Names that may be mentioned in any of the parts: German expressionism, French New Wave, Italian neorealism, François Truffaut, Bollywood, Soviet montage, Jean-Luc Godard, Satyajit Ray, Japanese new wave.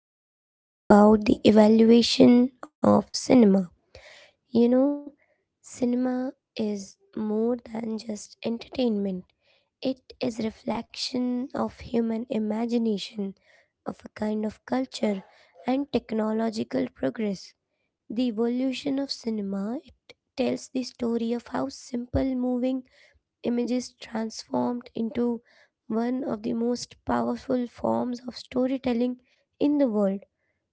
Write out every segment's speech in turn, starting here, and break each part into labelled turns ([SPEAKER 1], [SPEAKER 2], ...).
[SPEAKER 1] we are going to talk about the evaluation of cinema. You know, cinema is more than just entertainment. It is reflection of human imagination, of a kind of culture and technological progress. The evolution of cinema it tells the story of how simple moving images transformed into one of the most powerful forms of storytelling in the world.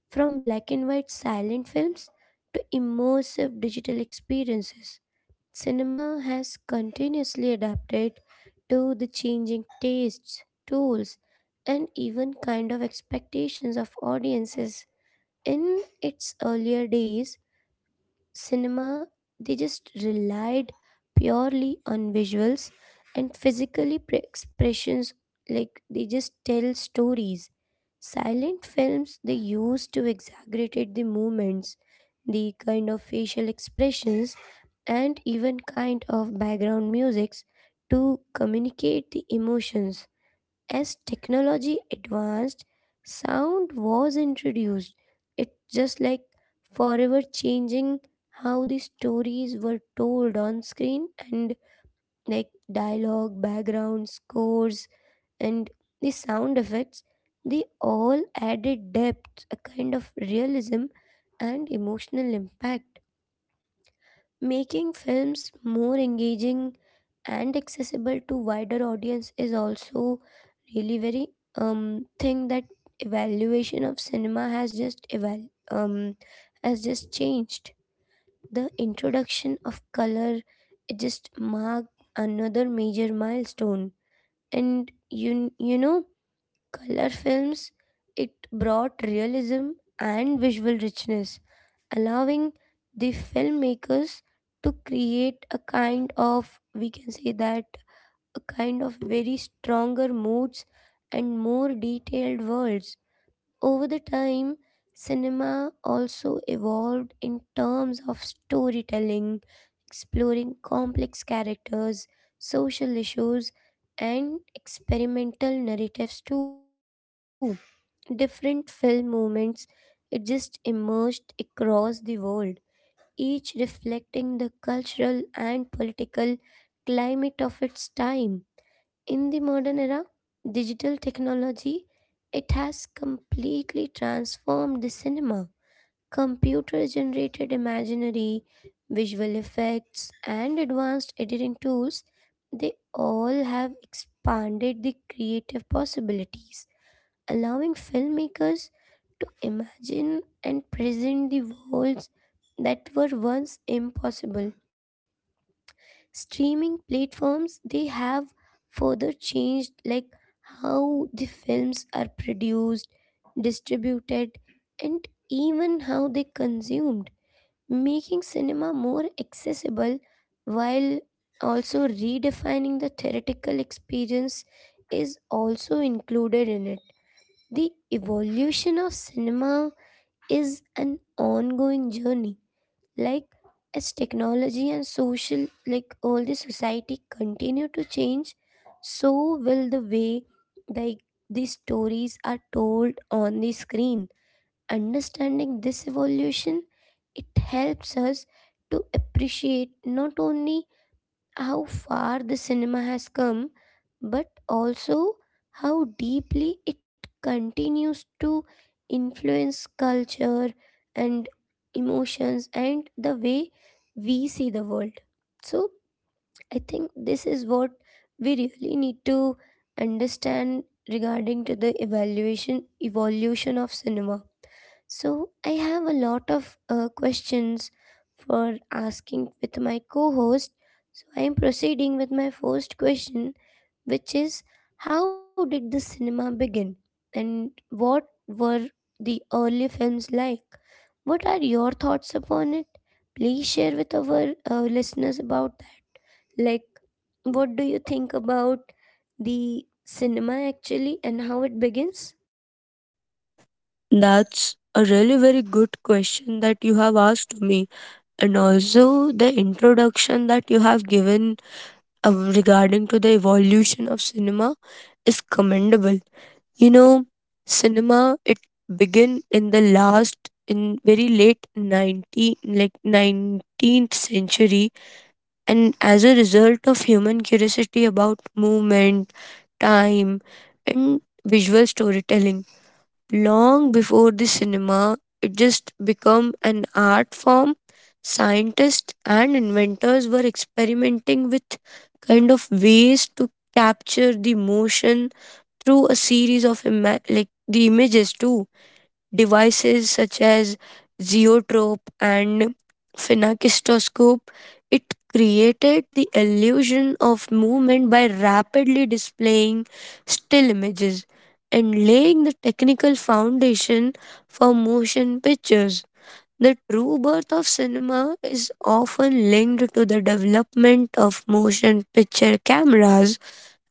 [SPEAKER 1] From black and white silent films to immersive digital experiences, cinema has continuously adapted to the changing tastes, tools, and even kind of expectations of audiences. In its earlier days, cinema they just relied purely on visuals and physically expressions like they just tell stories, silent films they used to exaggerate the movements, the kind of facial expressions, and even kind of background musics to communicate the emotions. As technology advanced, sound was introduced. It's just like forever changing how the stories were told on screen and like dialogue, background scores, and the sound effects. They all added depth, a kind of realism, and emotional impact. Making films more engaging and accessible to wider audience is also really very thing that evaluation of cinema has just has just changed. The introduction of color it just marked another major milestone. And you know color films it brought realism and visual richness, allowing the filmmakers to create a kind of, we can say that, a kind of very stronger moods and more detailed worlds. Over the time cinema also evolved in terms of storytelling, exploring complex characters, social issues, and experimental narratives too. Different film movements it just emerged across the world, each reflecting the cultural and political climate of its time. In the modern era, digital technology it has completely transformed the cinema. Computer generated imaginary, visual effects, and advanced editing tools, they all have expanded the creative possibilities, allowing filmmakers to imagine and present the worlds that were once impossible. Streaming platforms they have further changed like how the films are produced, distributed, and even how they consumed, making cinema more accessible while also redefining the theoretical experience is also included in it. The evolution of cinema is an ongoing journey. Like as technology and social, like all the society continue to change, so will the way like these stories are told on the screen. Understanding this evolution, it helps us to appreciate not only how far the cinema has come, but also how deeply it continues to influence culture and emotions and the way we see the world. So, I think this is what we really need to understand regarding to the evaluation evolution of cinema. So I have a lot of questions for asking with my co-host. So I am proceeding with my first question, which is how did the cinema begin, and what were the early films like? What are your thoughts upon it? Please share with our listeners about like, what do you think about the cinema actually and how it begins?
[SPEAKER 2] That's a really very good question that you have asked me, and also the introduction that you have given regarding to the evolution of cinema is commendable. You know, cinema it began in the last in very late 90 like 19th century and as a result of human curiosity about movement, time, and visual storytelling. Long before the cinema, it just became an art form. Scientists and inventors were experimenting with kind of ways to capture the motion through a series of like the images too, devices such as zeotrope and phenakistoscope, it created the illusion of movement by rapidly displaying still images and laying the technical foundation for motion pictures. The true birth of cinema is often linked to the development of motion picture cameras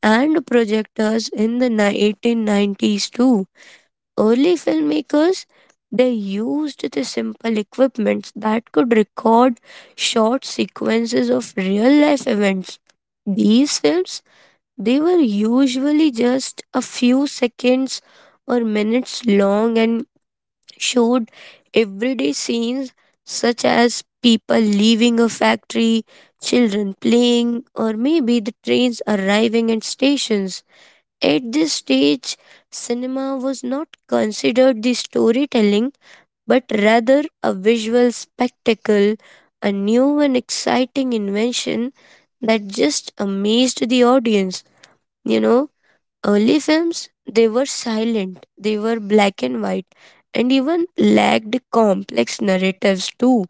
[SPEAKER 2] and projectors in the 1990s too. Early filmmakers, they used the simple equipment that could record short sequences of real life events. These films, they were usually just a few seconds or minutes long and showed everyday scenes such as people leaving a factory, children playing, or maybe the trains arriving at stations. At this stage, cinema was not considered the storytelling but rather a visual spectacle, a new and exciting invention that just amazed the audience. You know, early films, they were silent, they were black and white, and even lacked complex narratives too,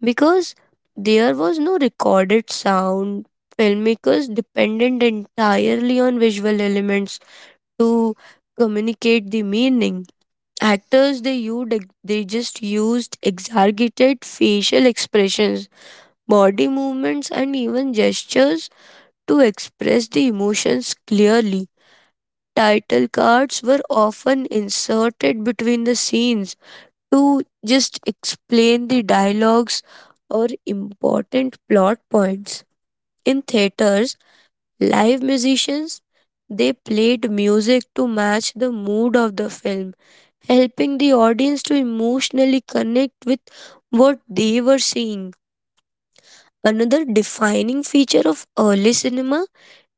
[SPEAKER 2] because there was no recorded sound. Filmmakers depended entirely on visual elements to communicate the meaning. Actors they they just used exaggerated facial expressions, body movements, and even gestures to express the emotions clearly. Title cards were often inserted between the scenes to just explain the dialogues or important plot points. In theaters, live musicians they played music to match the mood of the film, helping the audience to emotionally connect with what they were seeing. Another defining feature of early cinema,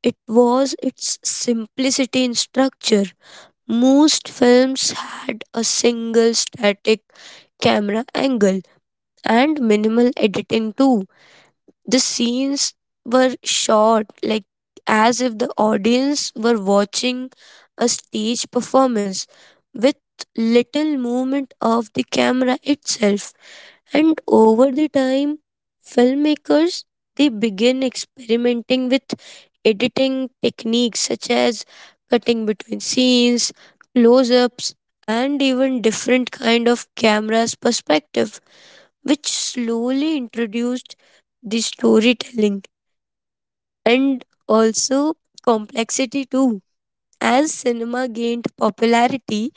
[SPEAKER 2] it was its simplicity in structure. Most films had a single static camera angle and minimal editing too. The scenes were shot like as if the audience were watching a stage performance with little movement of the camera itself. And over the time, filmmakers they begin experimenting with editing techniques such as cutting between scenes, close ups, and even different kind of cameras perspective, which slowly introduced the storytelling and also complexity too. As cinema gained popularity,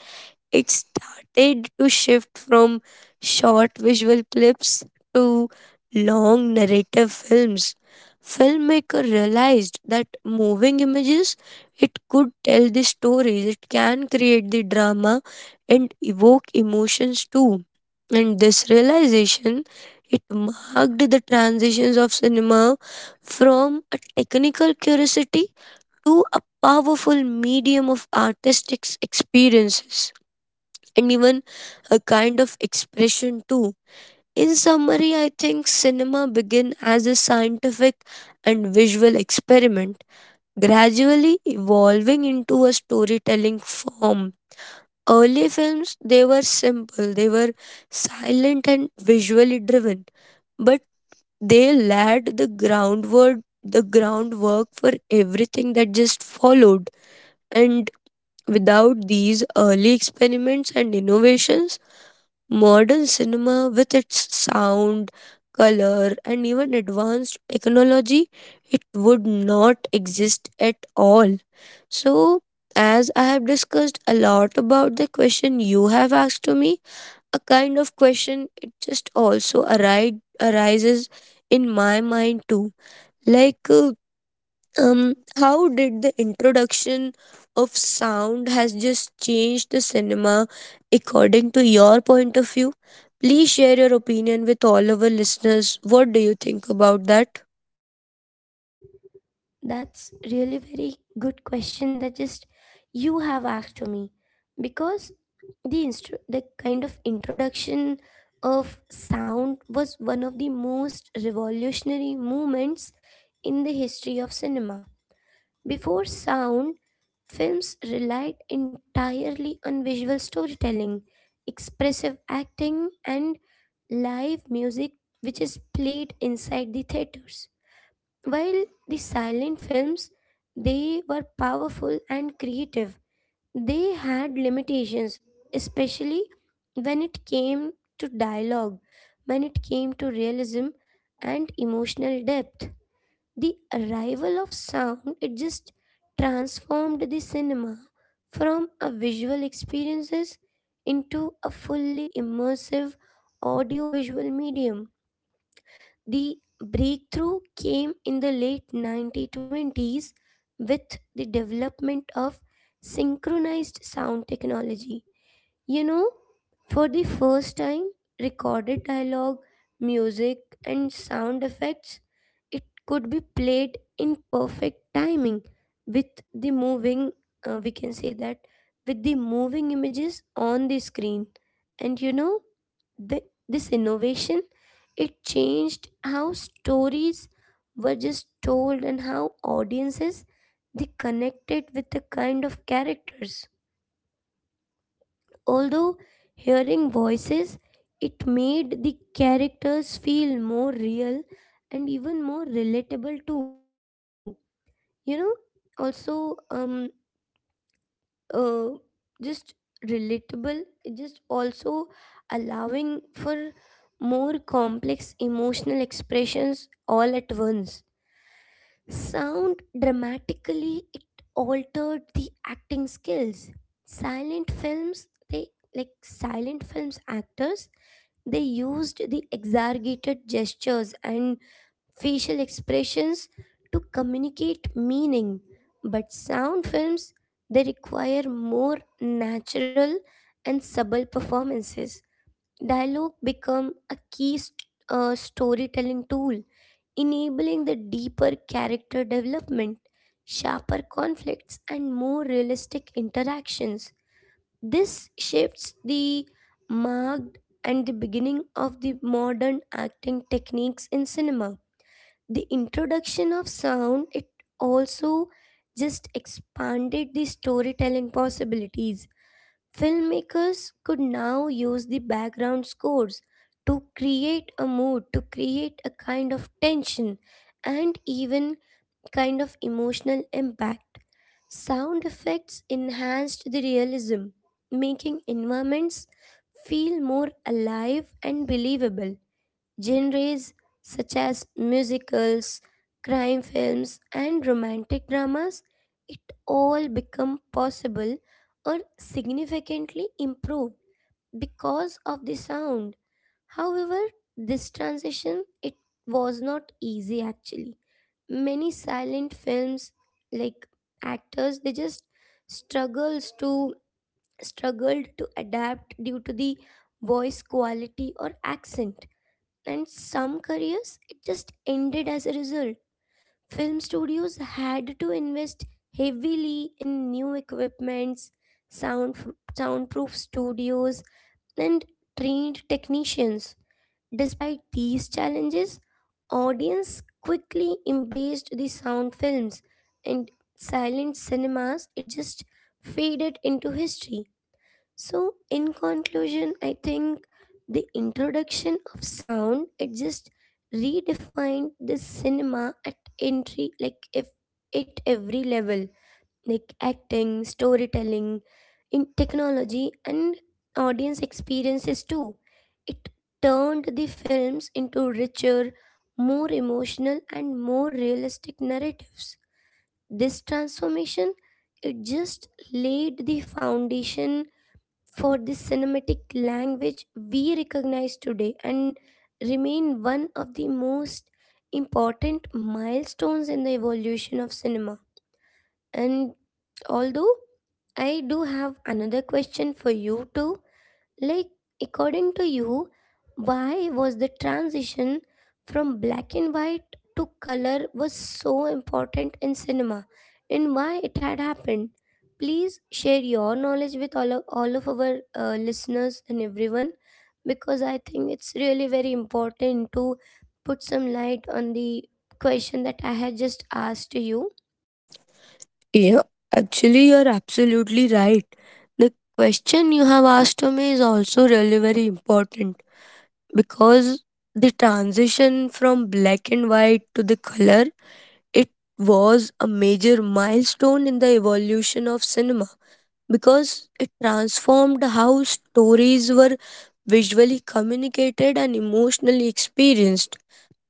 [SPEAKER 2] it started to shift from short visual clips to long narrative films. Filmmaker realized that moving images, it could tell the stories, it can create the drama and evoke emotions too. And this realization, it marked the transitions of cinema from a technical curiosity to a powerful medium of artistic experiences and even a kind of expression too. In summary, I think cinema began as a scientific and visual experiment, gradually evolving into a storytelling form. Early films, they were simple, they were silent and visually driven, but they laid the groundwork for everything that just followed. And without these early experiments and innovations, modern cinema, with its sound, color, and even advanced technology, it would not exist at all. So, as I have discussed a lot about the question you have asked to me, a kind of question it just also arises in my mind too. Like, how did the introduction of sound has just changed the cinema according to your point of view? Please share your opinion with all our listeners. What do you think about that?
[SPEAKER 1] That's really very good question that just you have asked to me, because the the kind of introduction of sound was one of the most revolutionary movements in the history of cinema. Before sound, films relied entirely on visual storytelling, expressive acting, and live music which is played inside the theaters. While the silent films, they were powerful and creative. They had limitations, especially when it came to dialogue, when it came to realism and emotional depth. The arrival of sound it just transformed the cinema from a visual experiences into a fully immersive audiovisual medium. The breakthrough came in the late 1920s with the development of synchronized sound technology. You know, for the first time recorded dialogue, music, and sound effects it could be played in perfect timing with the moving, we can say that, with the moving images on the screen. And you know, the, this innovation it changed how stories were just told and how audiences they connected with the kind of characters, although hearing voices it made the characters feel more real and even more relatable too. You know, also uh, just relatable, just also allowing for more complex emotional expressions all at once. Sound dramatically it altered the acting skills. Silent films they like silent films actors they used the exaggerated gestures and facial expressions to communicate meaning. But sound films, they require more natural and subtle performances. Dialogue become a key storytelling tool, enabling the deeper character development, sharper conflicts, and more realistic interactions. This shifts the marked and the beginning of the modern acting techniques in cinema. The introduction of sound it also just expanded the storytelling possibilities. Filmmakers could now use the background scores to create a mood, to create a kind of tension, and even kind of emotional impact. Sound effects enhanced the realism, making environments feel more alive and believable. Genres such as musicals, crime films, and romantic dramas, it all become possible or significantly improved because of the sound. However, this transition it was not easy actually. Many silent films like actors they just struggles to struggled to adapt due to the voice quality or accent, and some careers it just ended as a result. Film studios had to invest heavily in new equipments, sound, soundproof studios, and trained technicians. Despite these challenges, audience quickly embraced the sound films, and silent cinemas it just faded into history. So, in conclusion, I think the introduction of sound it just redefined the cinema at entry, like if at every level, like acting, storytelling, in technology, and audience experiences too. It turned the films into richer, more emotional, and more realistic narratives. This transformation it just laid the foundation for this cinematic language we recognize today, and remain one of the most important milestones in the evolution of cinema. And although I do have another question for you too, like, according to you, why was the transition from black and white to color was so important in cinema, and why it had happened? Please share your knowledge with all of our listeners and everyone, because I think it's really very important to put some light on the question that I had just asked to you.
[SPEAKER 2] Yeah, actually you're absolutely right. The question you have asked to me is also really very important, because the transition from black and white to the color, it was a major milestone in the evolution of cinema because it transformed how stories were visually communicated and emotionally experienced.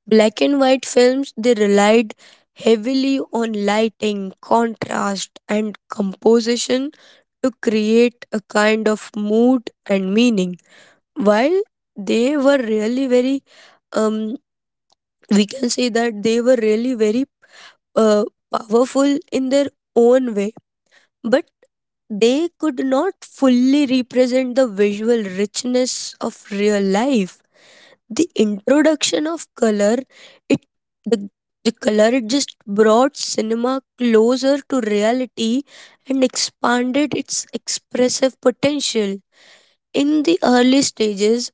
[SPEAKER 2] Black and white films they relied heavily on lighting, contrast, and composition to create a kind of mood and meaning. While they were really um, we can say that they were really very uh, powerful in their own way. But they could not fully represent the visual richness of real life. The introduction of color, it the, the color it just brought cinema closer to reality and expanded its expressive potential. In the early stages,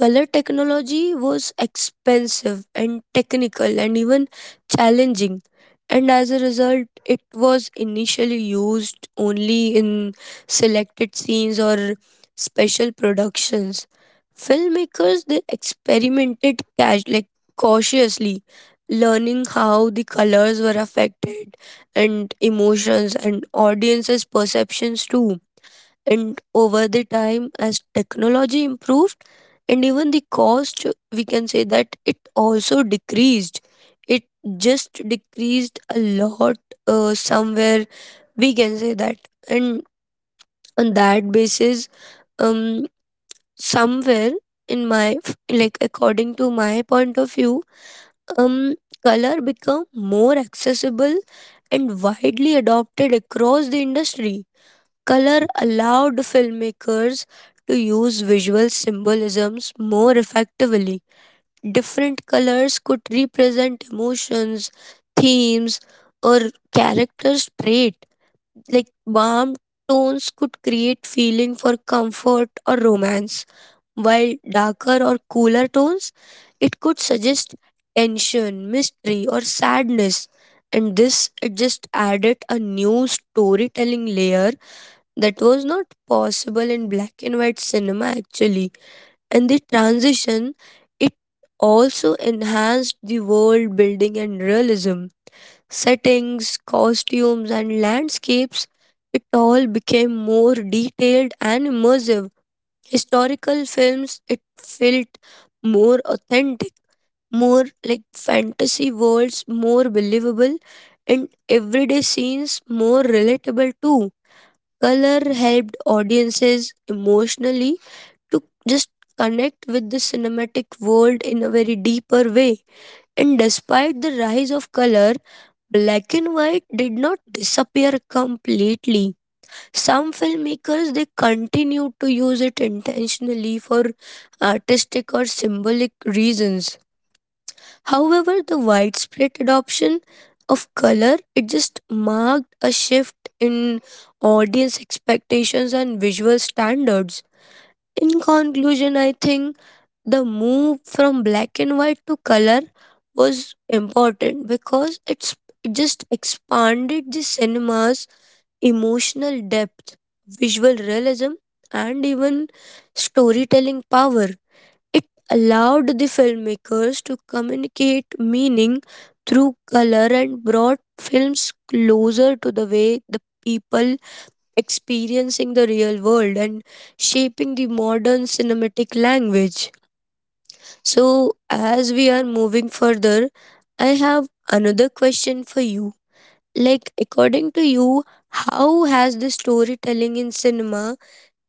[SPEAKER 2] color technology was expensive and technical and even challenging, and as a result, it was initially used only in selected scenes or special productions. Filmmakers they experimented cash, like cautiously, learning how the colors were affected and emotions and audiences' perceptions too. And over the time, as technology improved and even the cost, we can say that it also decreased, it just decreased a lot, somewhere we can say that. And on that basis, um somewhere in like according to my point of view, um color become more accessible and widely adopted across the industry. Color allowed filmmakers to use visual symbolisms more effectively. Different colors could represent emotions, themes, or characters' trait. Like warm tones could create feeling for comfort or romance, while darker or cooler tones it could suggest tension, mystery, or sadness. And this it just added a new storytelling layer that was not possible in black and white cinema actually. And the transition, it also enhanced the world building and realism. Settings, costumes, and landscapes, it all became more detailed and immersive. Historical films it felt more authentic, more like fantasy worlds more believable, and everyday scenes more relatable too. Color helped audiences emotionally to just connect with the cinematic world in a very deeper way. And despite the rise of color, black and white did not disappear completely. Some filmmakers they continued to use it intentionally for artistic or symbolic reasons. However, the widespread adoption of color it just marked a shift in audience expectations and visual standards. In conclusion, I think the move from black and white to color was important because it just expanded the cinema's emotional depth, visual realism, and even storytelling power. It allowed the filmmakers to communicate meaning through color and brought films closer to the way the people experiencing the real world and shaping the modern cinematic language. So, as we are moving further, I have another question for you. Like, according to you, how has the storytelling in cinema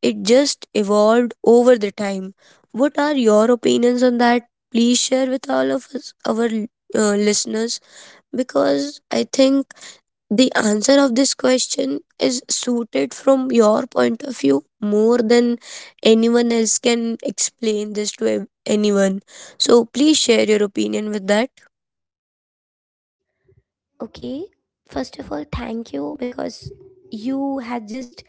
[SPEAKER 2] it just evolved over the time? What are your opinions on that? Please share with all of us, our listeners, because I think the answer of this question is suited from your point of view more than anyone else can explain this to anyone. So please share your opinion with that.
[SPEAKER 1] Okay, first of all, thank you because you had just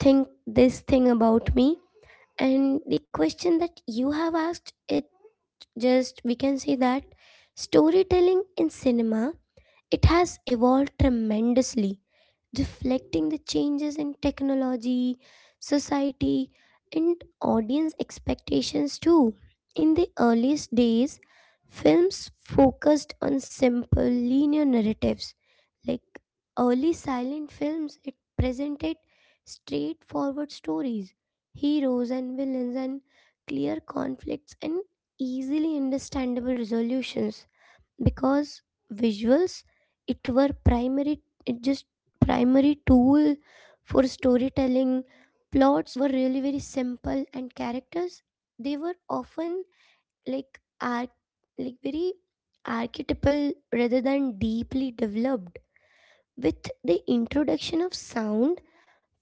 [SPEAKER 1] think this thing about me. And the question that you have asked, it just we can say that storytelling in cinema it has evolved tremendously, reflecting the changes in technology, society, and audience expectations too. In the earliest days, films focused on simple, linear narratives. Like early silent films, it presented straightforward stories, heroes and villains, and clear conflicts and easily understandable resolutions, because visuals it were primary, it just primary tool for storytelling. Plots were really very simple and characters they were often like are like very archetypal rather than deeply developed. With the introduction of sound,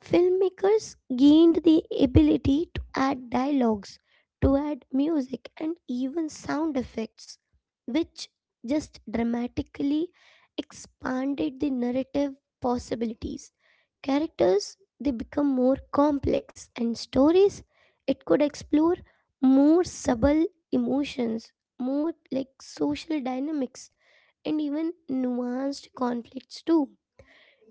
[SPEAKER 1] filmmakers gained the ability to add dialogues, to add music, and even sound effects, which just dramatically expanded the narrative possibilities. Characters they become more complex, and stories it could explore more subtle emotions, more like social dynamics, and even nuanced conflicts too.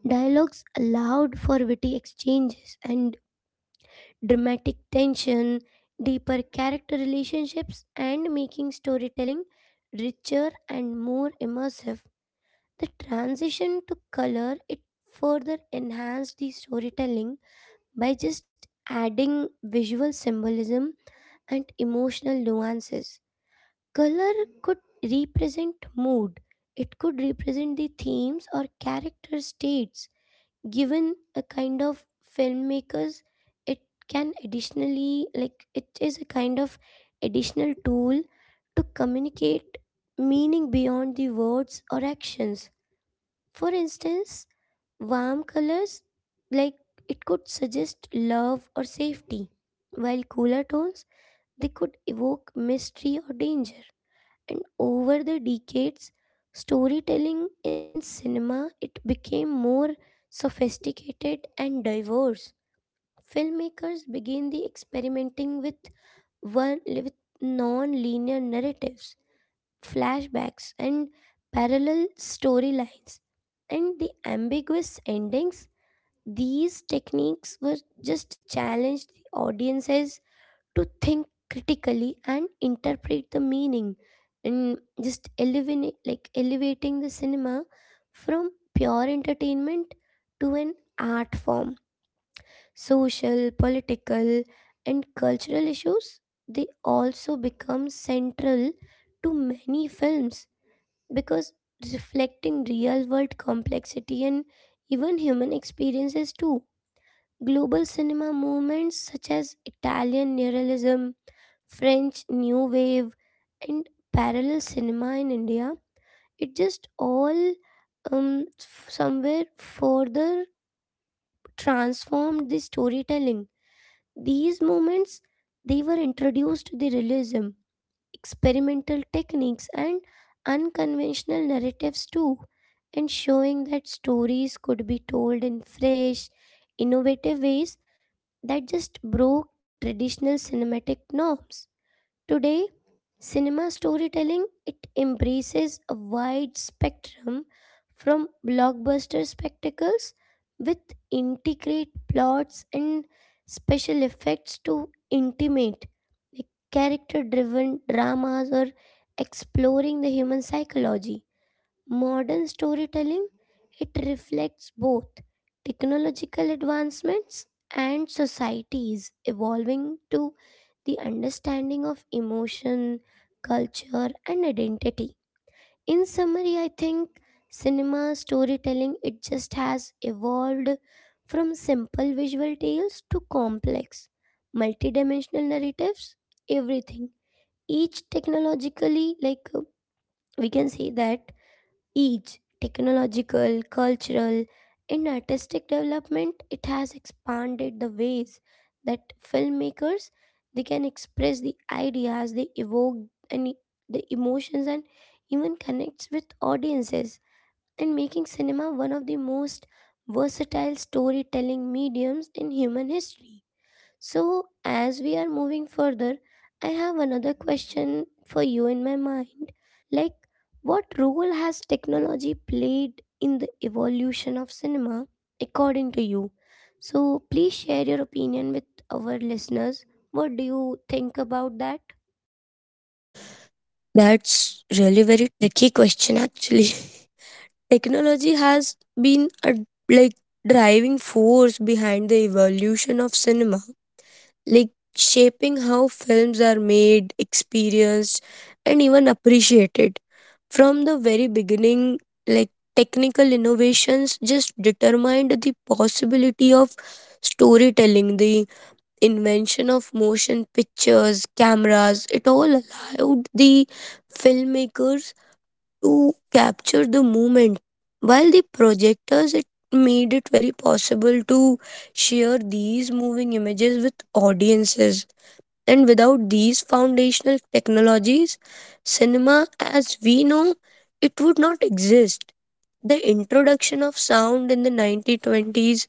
[SPEAKER 1] Dialogues allowed for witty exchanges and dramatic tension, deeper character relationships, and making storytelling richer and more immersive. The transition to color it further enhanced the storytelling by just adding visual symbolism and emotional nuances. Color could represent mood. It could represent the themes or character states, given a kind of filmmakers it can additionally, like it is a kind of additional tool to communicate meaning beyond the words or actions. For instance, warm colors like it could suggest love or safety, while cooler tones they could evoke mystery or danger. And over the decades, storytelling in cinema it became more sophisticated and diverse. Filmmakers began the experimenting with one with non-linear narratives, flashbacks, and parallel storylines, and the ambiguous endings. These techniques were just challenged the audiences to think critically and interpret the meaning, and just elevate, like elevating the cinema from pure entertainment to an art form. Social, political, and cultural issues they also become central to many films, because reflecting real world complexity and even human experiences too. Global cinema movements such as Italian neorealism, French New Wave, and parallel cinema in India. It just all somewhere further transformed the storytelling. These moments they were introduced to the realism, experimental techniques, and unconventional narratives too, and showing that stories could be told in fresh, innovative ways that just broke traditional cinematic norms. Today, cinema storytelling it embraces a wide spectrum from blockbuster spectacles with intricate plots and special effects to intimate character driven dramas or exploring the human psychology. Modern storytelling it reflects both technological advancements and societies evolving to the understanding of emotion, culture, and identity. In summary, I think cinema storytelling it just has evolved from simple visual tales to complex multidimensional narratives, everything. Each technologically like We can say that each technological, cultural, and artistic development, it has expanded the ways that filmmakers they can express the ideas, they evoke and the emotions and even connects with audiences and making cinema one of the most versatile storytelling mediums in human history. So as we are moving further, I have another question for you in my mind like, what role has technology played in the evolution of cinema, according to you? So, please share your opinion with our listeners. What do you think about that?
[SPEAKER 2] That's really very tricky question actually. Technology has been a like driving force behind the evolution of cinema, like shaping how films are made, experienced, and even appreciated. From the very beginning, like technical innovations just determined the possibility of storytelling, the invention of motion pictures, cameras, it all allowed the filmmakers to capture the moment. While the projectors, it made it very possible to share these moving images with audiences. And without these foundational technologies, cinema as we know it would not exist. The introduction of sound in the 1920s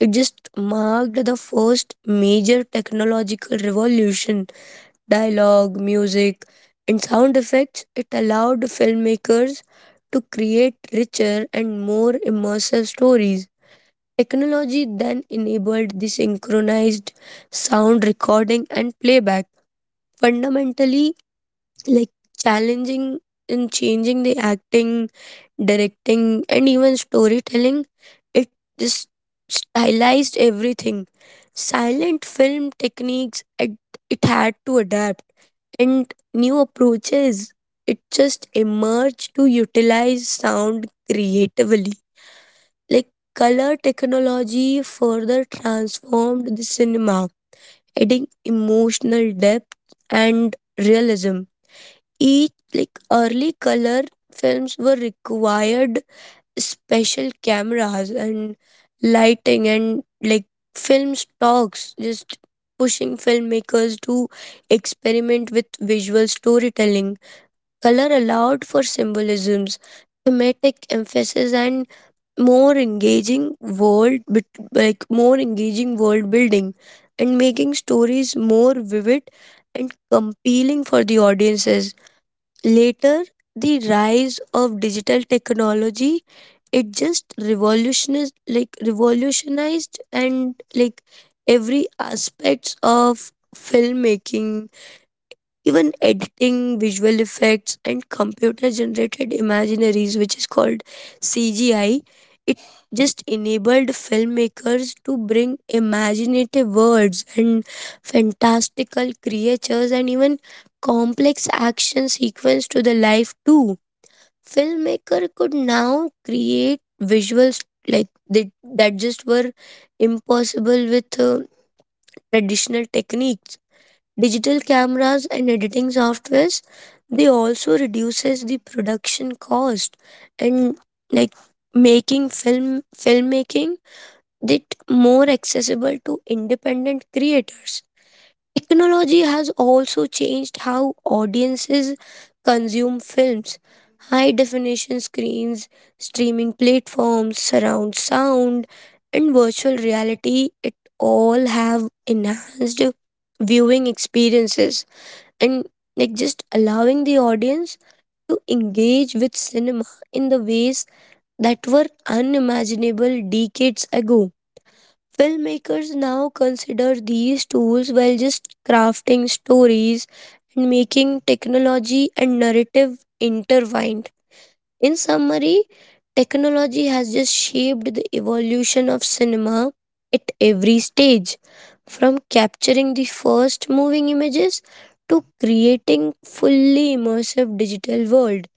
[SPEAKER 2] it just marked the first major technological revolution. Dialogue, music, and sound effects, it allowed filmmakers to create richer and more immersive stories. Technology then enabled the synchronized sound recording and playback, fundamentally like challenging and changing the acting, directing, and even storytelling. It just stylized everything. Silent film techniques, it had to adapt and new approaches. It just emerged to utilize sound creatively. Like color technology further transformed the cinema, adding emotional depth and realism. Each like early color films were required special cameras and lighting and like film stocks just pushing filmmakers to experiment with visual storytelling. Color allowed for symbolisms, thematic emphasis, and more engaging like more engaging world building, and making stories more vivid and compelling for the audiences. Later, the rise of digital technology it just revolutionized and like every aspects of filmmaking, even editing, visual effects, and computer generated imaginaries, which is called CGI, it just enabled filmmakers to bring imaginative words and fantastical creatures and even complex action sequence to the life too. Filmmaker could now create visuals like that just were impossible with traditional techniques. Digital cameras and editing softwares they also reduces the production cost and like making filmmaking that more accessible to independent creators. Technology has also changed how audiences consume films. High definition screens, streaming platforms, surround sound, and virtual reality it all have enhanced viewing experiences and like just allowing the audience to engage with cinema in the ways that were unimaginable decades ago. Filmmakers now consider these tools while just crafting stories and making technology and narrative intertwined. In summary, technology has just shaped the evolution of cinema at every stage, from capturing the first moving images to creating fully immersive digital world.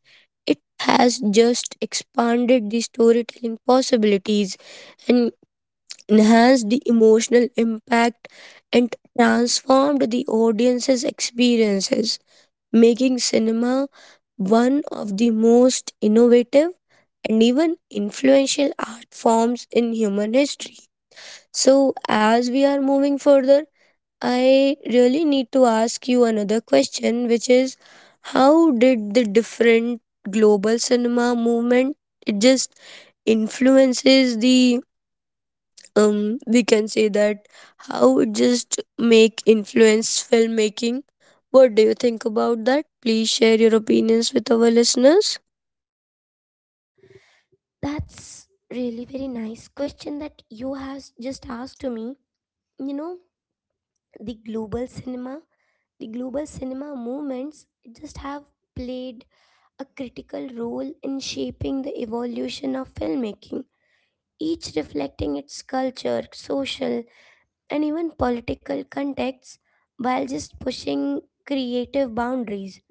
[SPEAKER 2] It has just expanded the storytelling possibilities and enhanced the emotional impact and transformed the audience's experiences, making cinema one of the most innovative and even influential art forms in human history. So, as we are moving further, I really need to ask you another question, which is how did the different global cinema movement it just influences the we can say that how it just make influence filmmaking? What do you think about that? Please share your opinions with our listeners.
[SPEAKER 1] That's really very nice question that you has just asked to me. You know, the global cinema, the global cinema movements just have played a critical role in shaping the evolution of filmmaking, each reflecting its culture, social, and even political contexts while just pushing creative boundaries.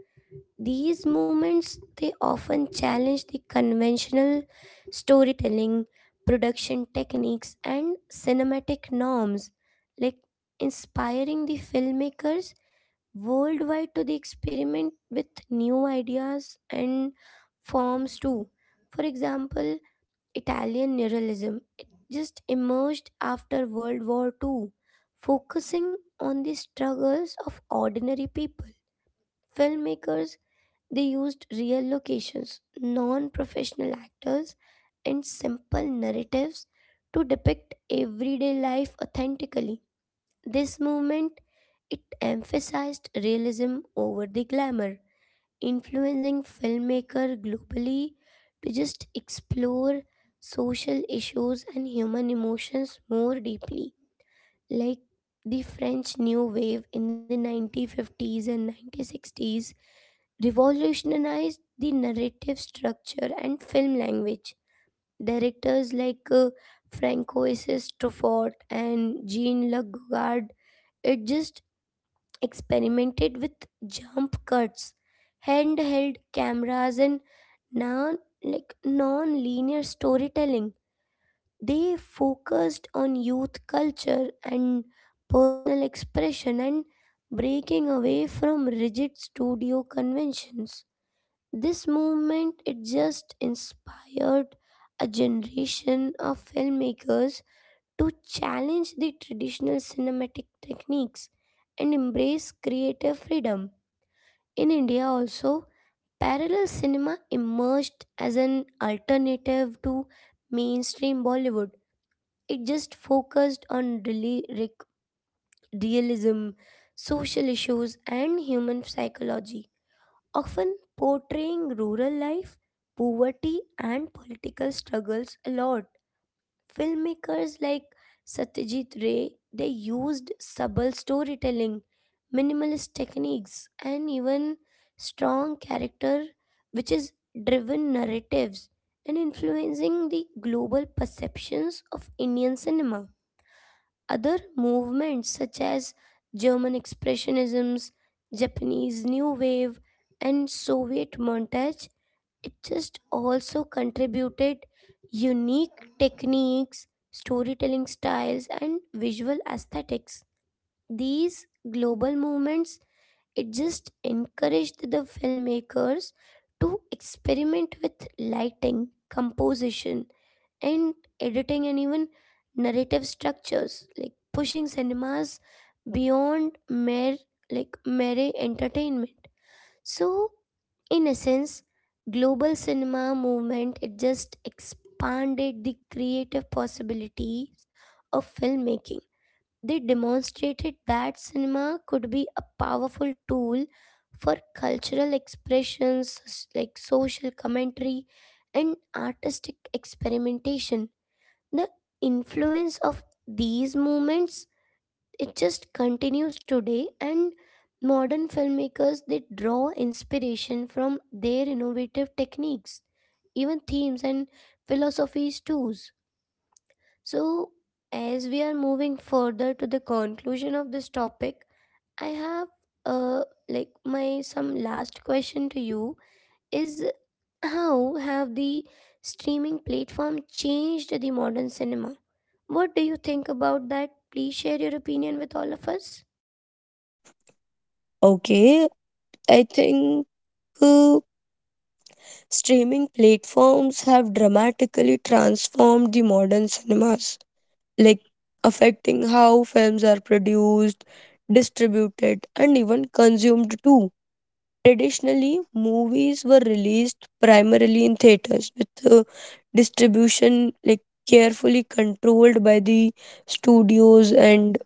[SPEAKER 1] These movements they often challenge the conventional storytelling, production techniques and cinematic norms, like inspiring the filmmakers worldwide to the experiment with new ideas and forms too. For example, Italian neorealism it just emerged after World War Two, focusing on the struggles of ordinary people. Filmmakers they used real locations, non-professional actors, and simple narratives to depict everyday life authentically. This movement it emphasized realism over the glamour, influencing filmmaker globally to just explore social issues and human emotions more deeply. Like the French new wave in the 1950s and 1960s revolutionized the narrative structure and film language. Directors like Francois Truffaut and Jean Luc Godard it just experimented with jump cuts, handheld cameras, and non-linear storytelling. They focused on youth culture and personal expression and breaking away from rigid studio conventions. This movement it just inspired a generation of filmmakers to challenge the traditional cinematic techniques and embrace creative freedom. In India, also, parallel cinema emerged as an alternative to mainstream Bollywood. It just focused on really realism, social issues, and human psychology, often portraying rural life, poverty, and political struggles a lot. Filmmakers like Satyajit Ray, they used subtle storytelling, minimalist techniques, and even strong character which is driven narratives and influencing the global perceptions of Indian cinema. Other movements such as German expressionisms, Japanese new wave, and Soviet montage it just also contributed unique techniques storytelling styles and visual aesthetics. These global movements it just encouraged the filmmakers to experiment with lighting, composition, and editing, and even narrative structures, like pushing cinemas beyond like mere entertainment. So, in essence, global cinema movement it just expanded the creative possibilities of filmmaking. They demonstrated that cinema could be a powerful tool for cultural expressions, social commentary and artistic experimentation. The influence of these movements it just continues today, and modern filmmakers they draw inspiration from their innovative techniques, even themes and philosophies too. So as we are moving further to the conclusion of this topic, I have uh like my some last question to you is, how have the streaming platform changed the modern cinema? What do you think about that? Please share your opinion with all of us.
[SPEAKER 2] Okay, I think uh, streaming platforms have dramatically transformed the modern cinemas, like affecting how films are produced, distributed, and even consumed too. Traditionally, movies were released primarily in theaters with distribution like carefully controlled by the studios, and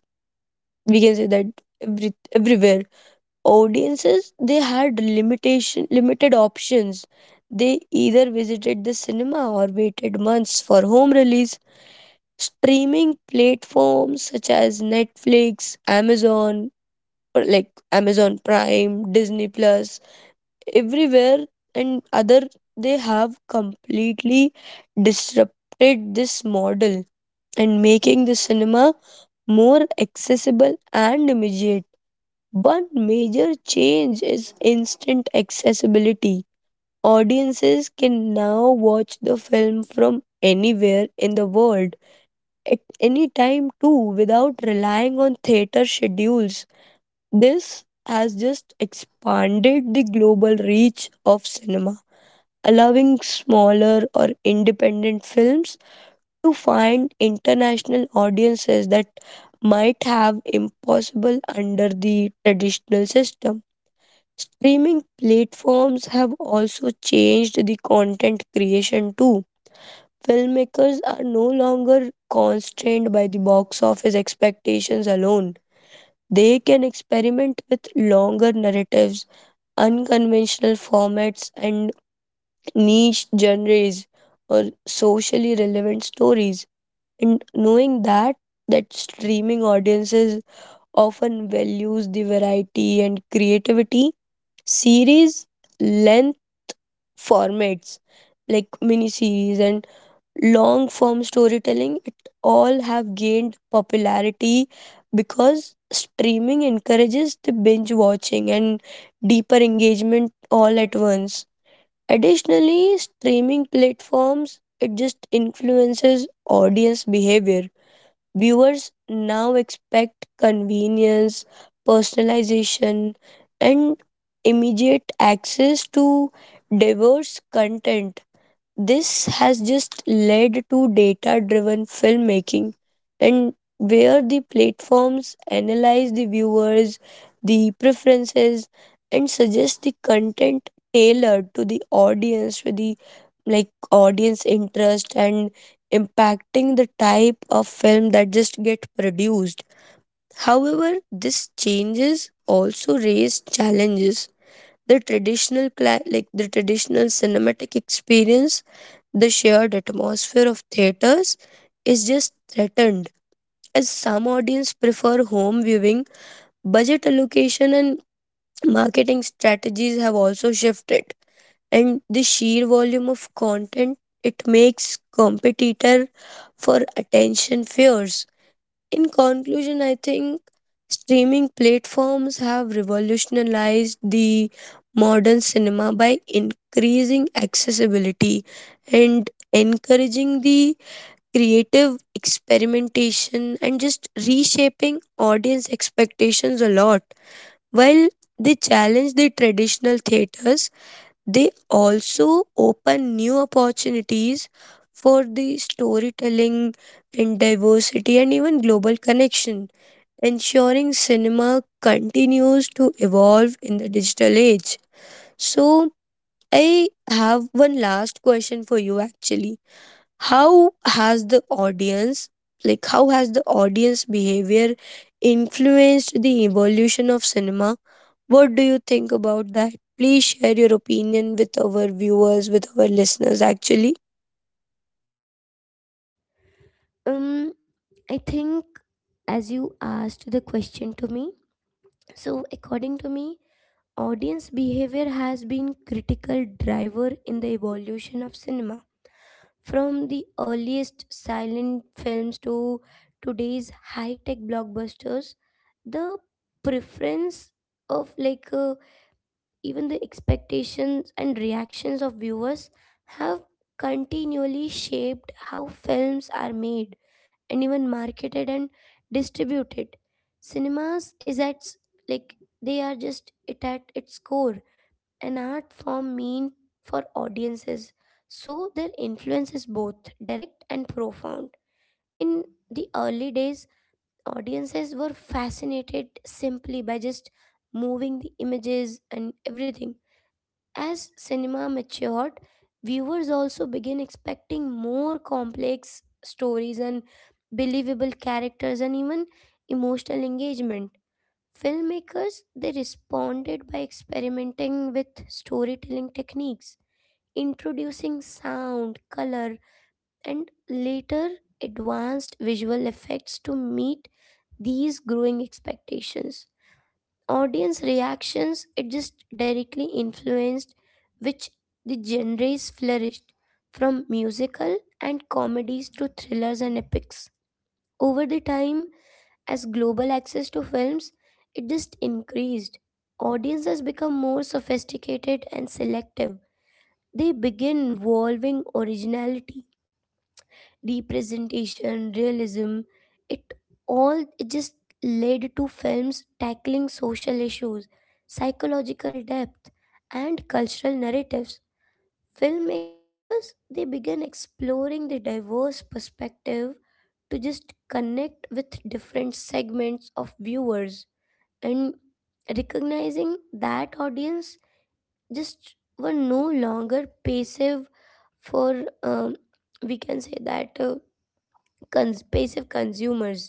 [SPEAKER 2] we can say that everywhere audiences they had limitation limited options. They either visited the cinema or waited months for home release. Streaming platforms such as Netflix, Amazon or like Amazon Prime, Disney Plus everywhere and other, they have completely disrupted this model and making the cinema more accessible and immediate. One major change is instant accessibility. Audiences can now watch the film from anywhere in the world at any time too, without relying on theater schedules. This has just expanded the global reach of cinema, allowing smaller or independent films to find international audiences that might have impossible under the traditional system. Streaming platforms have also changed the content creation too. Filmmakers are no longer constrained by the box office expectations alone. They can experiment with longer narratives, unconventional formats, and niche genres or socially relevant stories. And knowing that, that streaming audiences often values the variety and creativity, series length formats like miniseries and long form storytelling, it all have gained popularity because streaming encourages the binge watching and deeper engagement all at once. Additionally, streaming platforms it just influences audience behavior. Viewers now expect convenience, personalization, and immediate access to diverse content. This has just led to data driven filmmaking, and where the platforms analyze the viewers, the preferences, and suggest the content tailored to the audience with the audience interest and impacting the type of film that just get produced. However, this changes also raise challenges. The like the traditional cinematic experience, the shared atmosphere of theaters is just threatened as some audience prefer home viewing. Budget allocation and marketing strategies have also shifted, and the sheer volume of content it makes competitor for attention fierce. In conclusion, I think streaming platforms have revolutionized the modern cinema by increasing accessibility and encouraging the creative experimentation and just reshaping audience expectations a lot. While they challenge the traditional theaters, they also open new opportunities for the storytelling and diversity and even global connection, ensuring cinema continues to evolve in the digital age. So, I have one last question for you actually. How has the audience, like, how has the audience behavior influenced the evolution of cinema? What do you think about that? Please share your opinion with our viewers, with our listeners actually.
[SPEAKER 1] Um, I think as you asked the question to me, so according to me, audience behavior has been critical driver in the evolution of cinema. From the earliest silent films to today's high-tech blockbusters, the preference of, even the expectations and reactions of viewers have continually shaped how films are made and even marketed and distributed. Cinemas is at like they are just it at its core an art form mean for audiences, so their influence is both direct and profound. In the early days audiences were fascinated simply by just moving the images and everything. As cinema matured, viewers also began expecting more complex stories and believable characters and even emotional engagement. Filmmakers they responded by experimenting with storytelling techniques, introducing sound, color, and later advanced visual effects to meet these growing expectations. Audience reactions it just directly influenced which the genres flourished, from musical and comedies to thrillers and epics. Over the time, as global access to films it just increased, audiences become more sophisticated and selective. They begin valuing originality, representation, realism, it all it just led to films tackling social issues, psychological depth, and cultural narratives. Filmmakers they began exploring the diverse perspective to just connect with different segments of viewers and recognizing that audience just were no longer passive for we can say that passive consumers.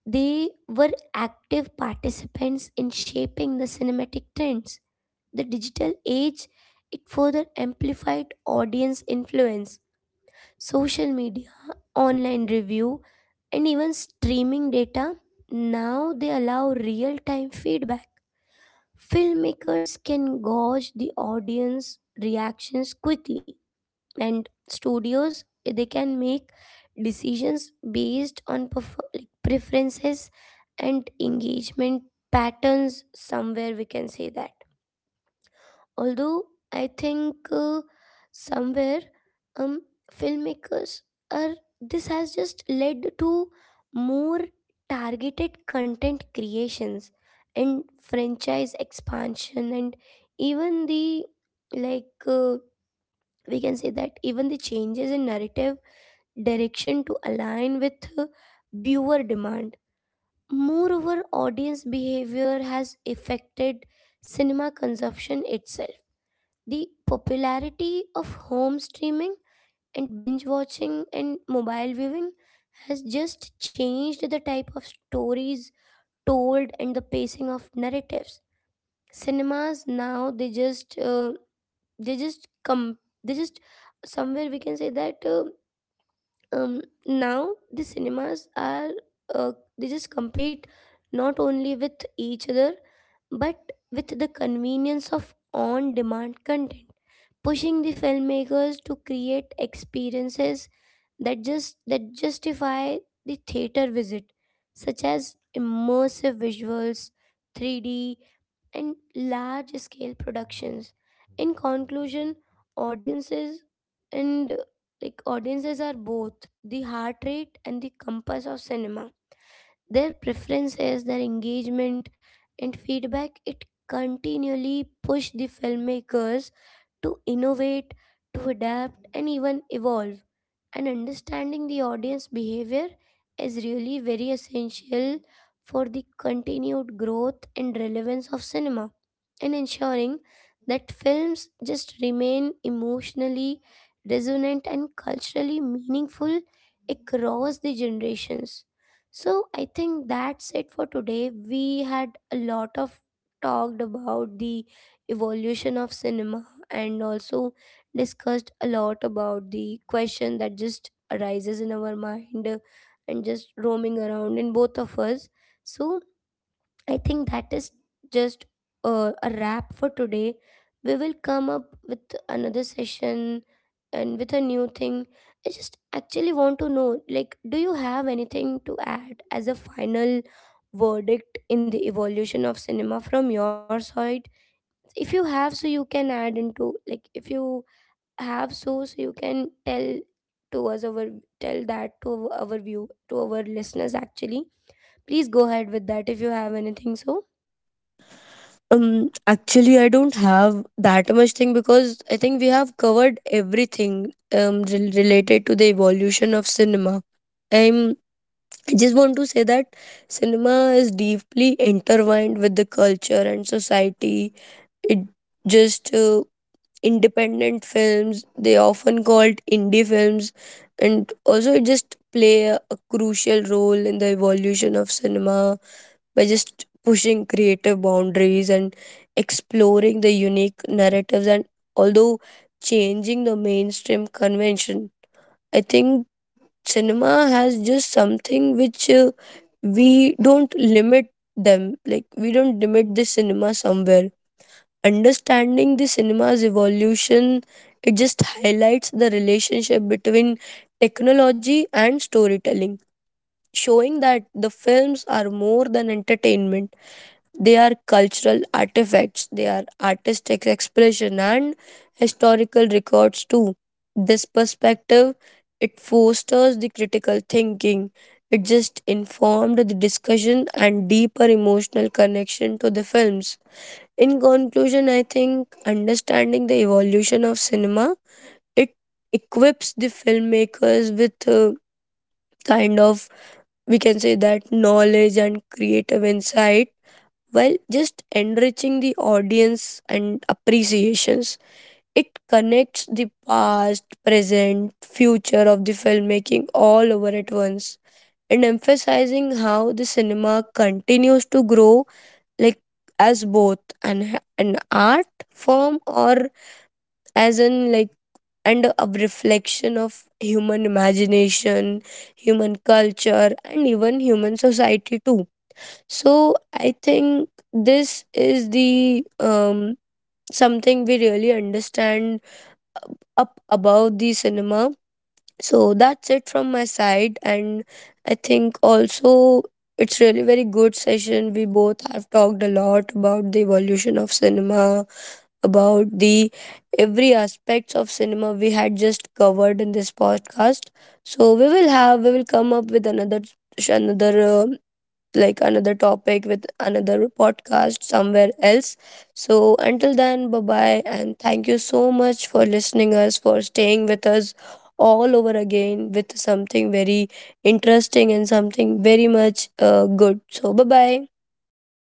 [SPEAKER 1] They were active participants in shaping the cinematic trends. The digital age it further amplified audience influence. Social media, online review, and even streaming data, now they allow real-time feedback. Filmmakers can gauge the audience reactions quickly and studios they can make decisions based on preferences and engagement patterns. Somewhere we can say that, although I think somewhere um filmmakers are, this has just led to more targeted content creations and franchise expansion and even the like uh, we can say that even the changes in narrative direction to align with viewer demand. Moreover, audience behavior has affected cinema consumption itself. The popularity of home streaming and binge watching and mobile viewing has just changed the type of stories told and the pacing of narratives. Cinemas now they just come they just somewhere we can say that um, now the cinemas are uh, they just compete not only with each other but with the convenience of on demand content, pushing the filmmakers to create experiences that justify the theater visit, such as immersive visuals, 3D, and large scale productions. In conclusion, audiences, and audiences are both the heart rate and the compass of cinema. Their preferences, their engagement, and feedback it continually push the filmmakers to innovate, to adapt, and even evolve. And understanding the audience behavior is really very essential for the continued growth and relevance of cinema, and ensuring that films just remain emotionally resonant and culturally meaningful across the generations. So I think that's it for today. We had a lot of talked about the evolution of cinema and also discussed a lot about the question that just arises in our mind, and just roaming around in both of us. So I think that is just a wrap for today. We will come up with another session and with a new thing. I just actually want to know like, do you have anything to add as a final verdict in the evolution of cinema from your side? If you have, so you can add into if you have, so you can tell to us our tell that to our listeners actually. Please go ahead with that if you have anything so
[SPEAKER 2] Actually, I don't have that much thing because I think we have covered everything related to the evolution of cinema. I'm I just want to say that cinema is deeply intertwined with the culture and society. It just independent films they often called indie films, and also it just play a crucial role in the evolution of cinema by just pushing creative boundaries and exploring the unique narratives and although changing the mainstream convention. I think cinema has just something which we don't limit them, like we don't limit the cinema somewhere. Understanding the cinema's evolution, it just highlights the relationship between technology and storytelling, showing that the films are more than entertainment. They are cultural artifacts, they are artistic expression and historical records too. This perspective it fosters the critical thinking. It just informed the discussion and deeper emotional connection to the films. In conclusion, I think understanding the evolution of cinema, it equips the filmmakers with a kind of, we can say that, knowledge and creative insight while just enriching the audience and appreciations. It connects the past, present, future of the filmmaking all over at once and emphasizing how the cinema continues to grow, like as both an art form or as an like and a reflection of human imagination, human culture, and even human society too. So I think this is the something we really understand up about the cinema. So that's it from my side, and I think also it's really very good session. We both have talked a lot about the evolution of cinema, about the every aspects of cinema we had just covered in this podcast. So we will come up with another like another topic with another podcast somewhere else. So until then, bye bye and thank you so much for listening us, for staying with us all over again with something very interesting and something very much good. So bye bye.